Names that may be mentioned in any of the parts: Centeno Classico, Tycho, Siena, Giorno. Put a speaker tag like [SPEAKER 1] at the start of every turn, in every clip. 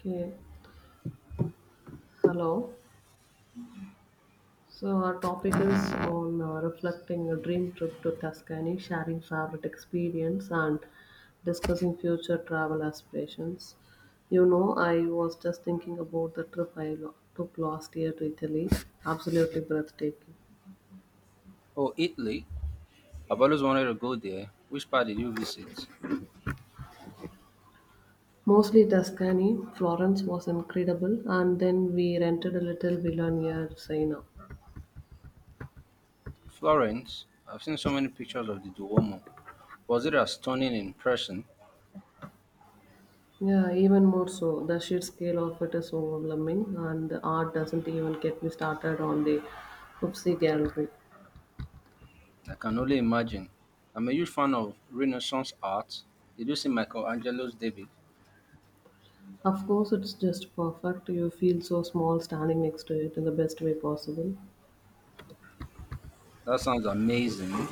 [SPEAKER 1] Okay, hello. So our topic is on reflecting a dream trip to Tuscany, sharing favorite experience, and discussing future travel aspirations. You know, I was just thinking about the trip I took last year to Italy. Absolutely breathtaking.
[SPEAKER 2] Oh, Italy. I've always wanted to go there. Which part did you visit?
[SPEAKER 1] Mostly Tuscany. Florence was incredible, and then we rented a little villa near Siena.
[SPEAKER 2] Florence. I've seen so many pictures of the Duomo. Was it as stunning in person?
[SPEAKER 1] Yeah, even more so. The sheer scale of it is overwhelming, and the art doesn't even get me started on the Oopsie Gallery.
[SPEAKER 2] I can only imagine. I'm a huge fan of Renaissance art. Did you see Michelangelo's David?
[SPEAKER 1] Of course, it's just perfect. You feel so small standing next to it in the best way possible.
[SPEAKER 2] That sounds amazing.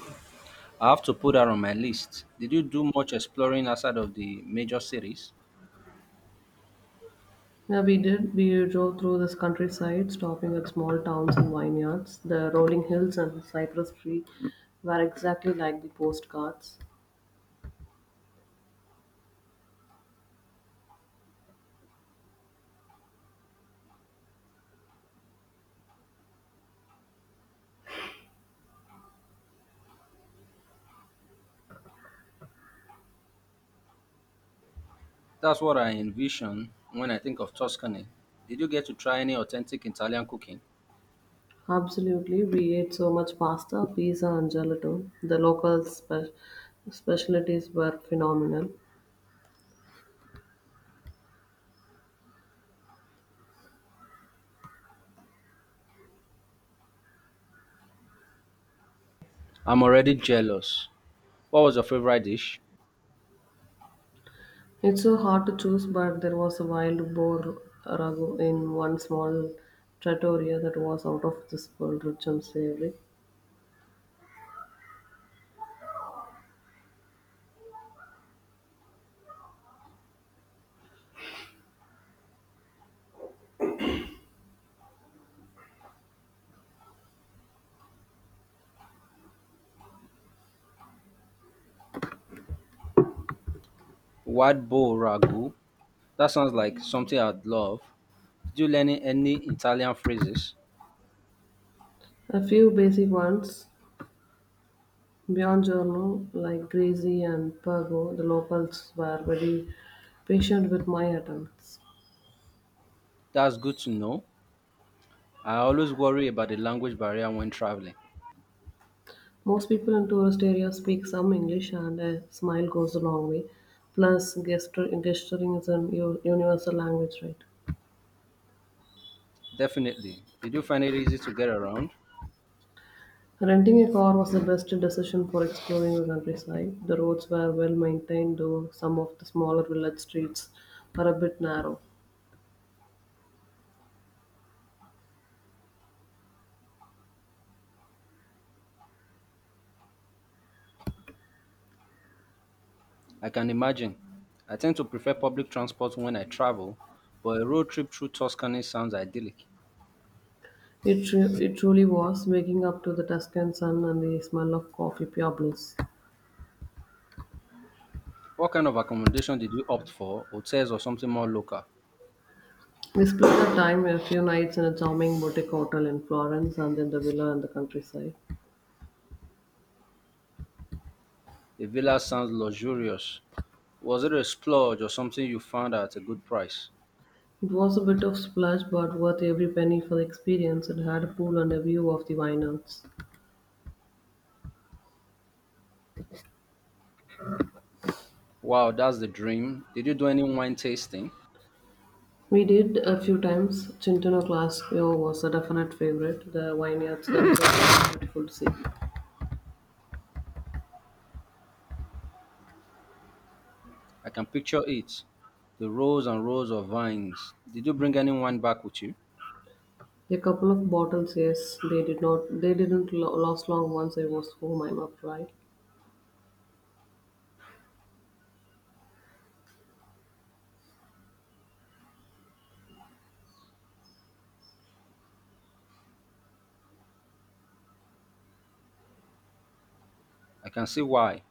[SPEAKER 2] I have to put that on my list. Did you do much exploring outside of the major cities?
[SPEAKER 1] Yeah, we did. We drove through this countryside, stopping at small towns and vineyards. The rolling hills and cypress tree were exactly like the postcards.
[SPEAKER 2] That's what I envision when I think of Tuscany. Did you get to try any authentic Italian cooking?
[SPEAKER 1] Absolutely, we ate so much pasta, pizza, and gelato. The local specialties were phenomenal.
[SPEAKER 2] I'm already jealous. What was your favorite dish?
[SPEAKER 1] It's so hard to choose, but there was a wild boar ragu in one small trattoria that was out of this world rich and savory.
[SPEAKER 2] What boar ragu. That sounds like something I'd love. Did you learn any Italian phrases?
[SPEAKER 1] A few basic ones, Giorno, like Greasy and Pergo, the locals were very patient with my attempts.
[SPEAKER 2] That's good to know. I always worry about the language barrier when traveling.
[SPEAKER 1] Most people in tourist areas speak some English, and a smile goes a long way. Plus, gesturing is a universal language, right?
[SPEAKER 2] Definitely. Did you find it easy to get around?
[SPEAKER 1] Renting a car was the best decision for exploring the countryside. The roads were well maintained, though some of the smaller village streets were a bit narrow.
[SPEAKER 2] I can imagine. I tend to prefer public transport when I travel, but a road trip through Tuscany sounds idyllic.
[SPEAKER 1] It truly was waking up to the Tuscan sun and the smell of coffee, pure bliss.
[SPEAKER 2] What kind of accommodation did you opt for? Hotels or something more local?
[SPEAKER 1] We split our time a few nights in a charming boutique hotel in Florence and then the villa in the countryside.
[SPEAKER 2] The villa sounds luxurious. Was it a splurge or something you found at a good price?
[SPEAKER 1] It was a bit of splurge, but worth every penny for the experience. It had a pool and a view of the vineyards.
[SPEAKER 2] Wow, that's the dream. Did you do any wine tasting?
[SPEAKER 1] We did a few times. Centeno Classico was a definite favorite. The vineyards themselves were beautiful to see.
[SPEAKER 2] I can picture it. The rows and rows of vines. Did you bring any wine back with you?
[SPEAKER 1] A couple of bottles, yes, they didn't last long once I was home. I'm upright.
[SPEAKER 2] I can see why.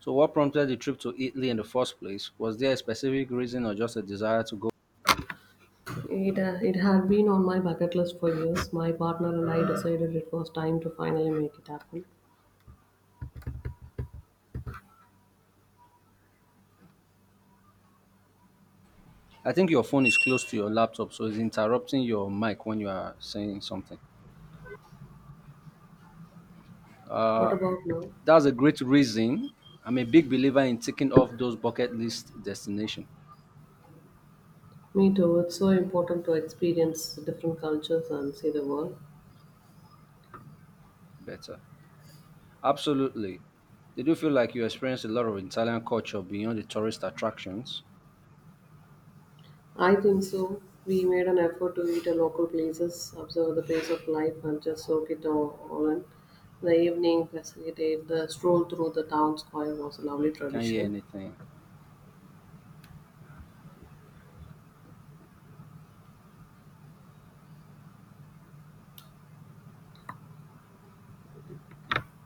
[SPEAKER 2] So, what prompted the trip to Italy in the first place? Was there a specific reason or just a desire to go?
[SPEAKER 1] It had been on my bucket list for years. My partner and I decided it was time to finally make it happen.
[SPEAKER 2] I think your phone is close to your laptop, so it's interrupting your mic when you are saying something.
[SPEAKER 1] What
[SPEAKER 2] Uh,
[SPEAKER 1] about now?
[SPEAKER 2] that's a great reason. I'm a big believer in ticking off those bucket list destinations
[SPEAKER 1] Me too. It's so important to experience different cultures and see the world.
[SPEAKER 2] better. Absolutely. Did you feel like you experienced a lot of Italian culture beyond the tourist attractions?
[SPEAKER 1] I think so. We made an effort to eat at local places, observe the pace of life, and just soak it all in. The evening, facilitate the stroll through the town square was a lovely
[SPEAKER 2] Can't hear
[SPEAKER 1] tradition.
[SPEAKER 2] anything.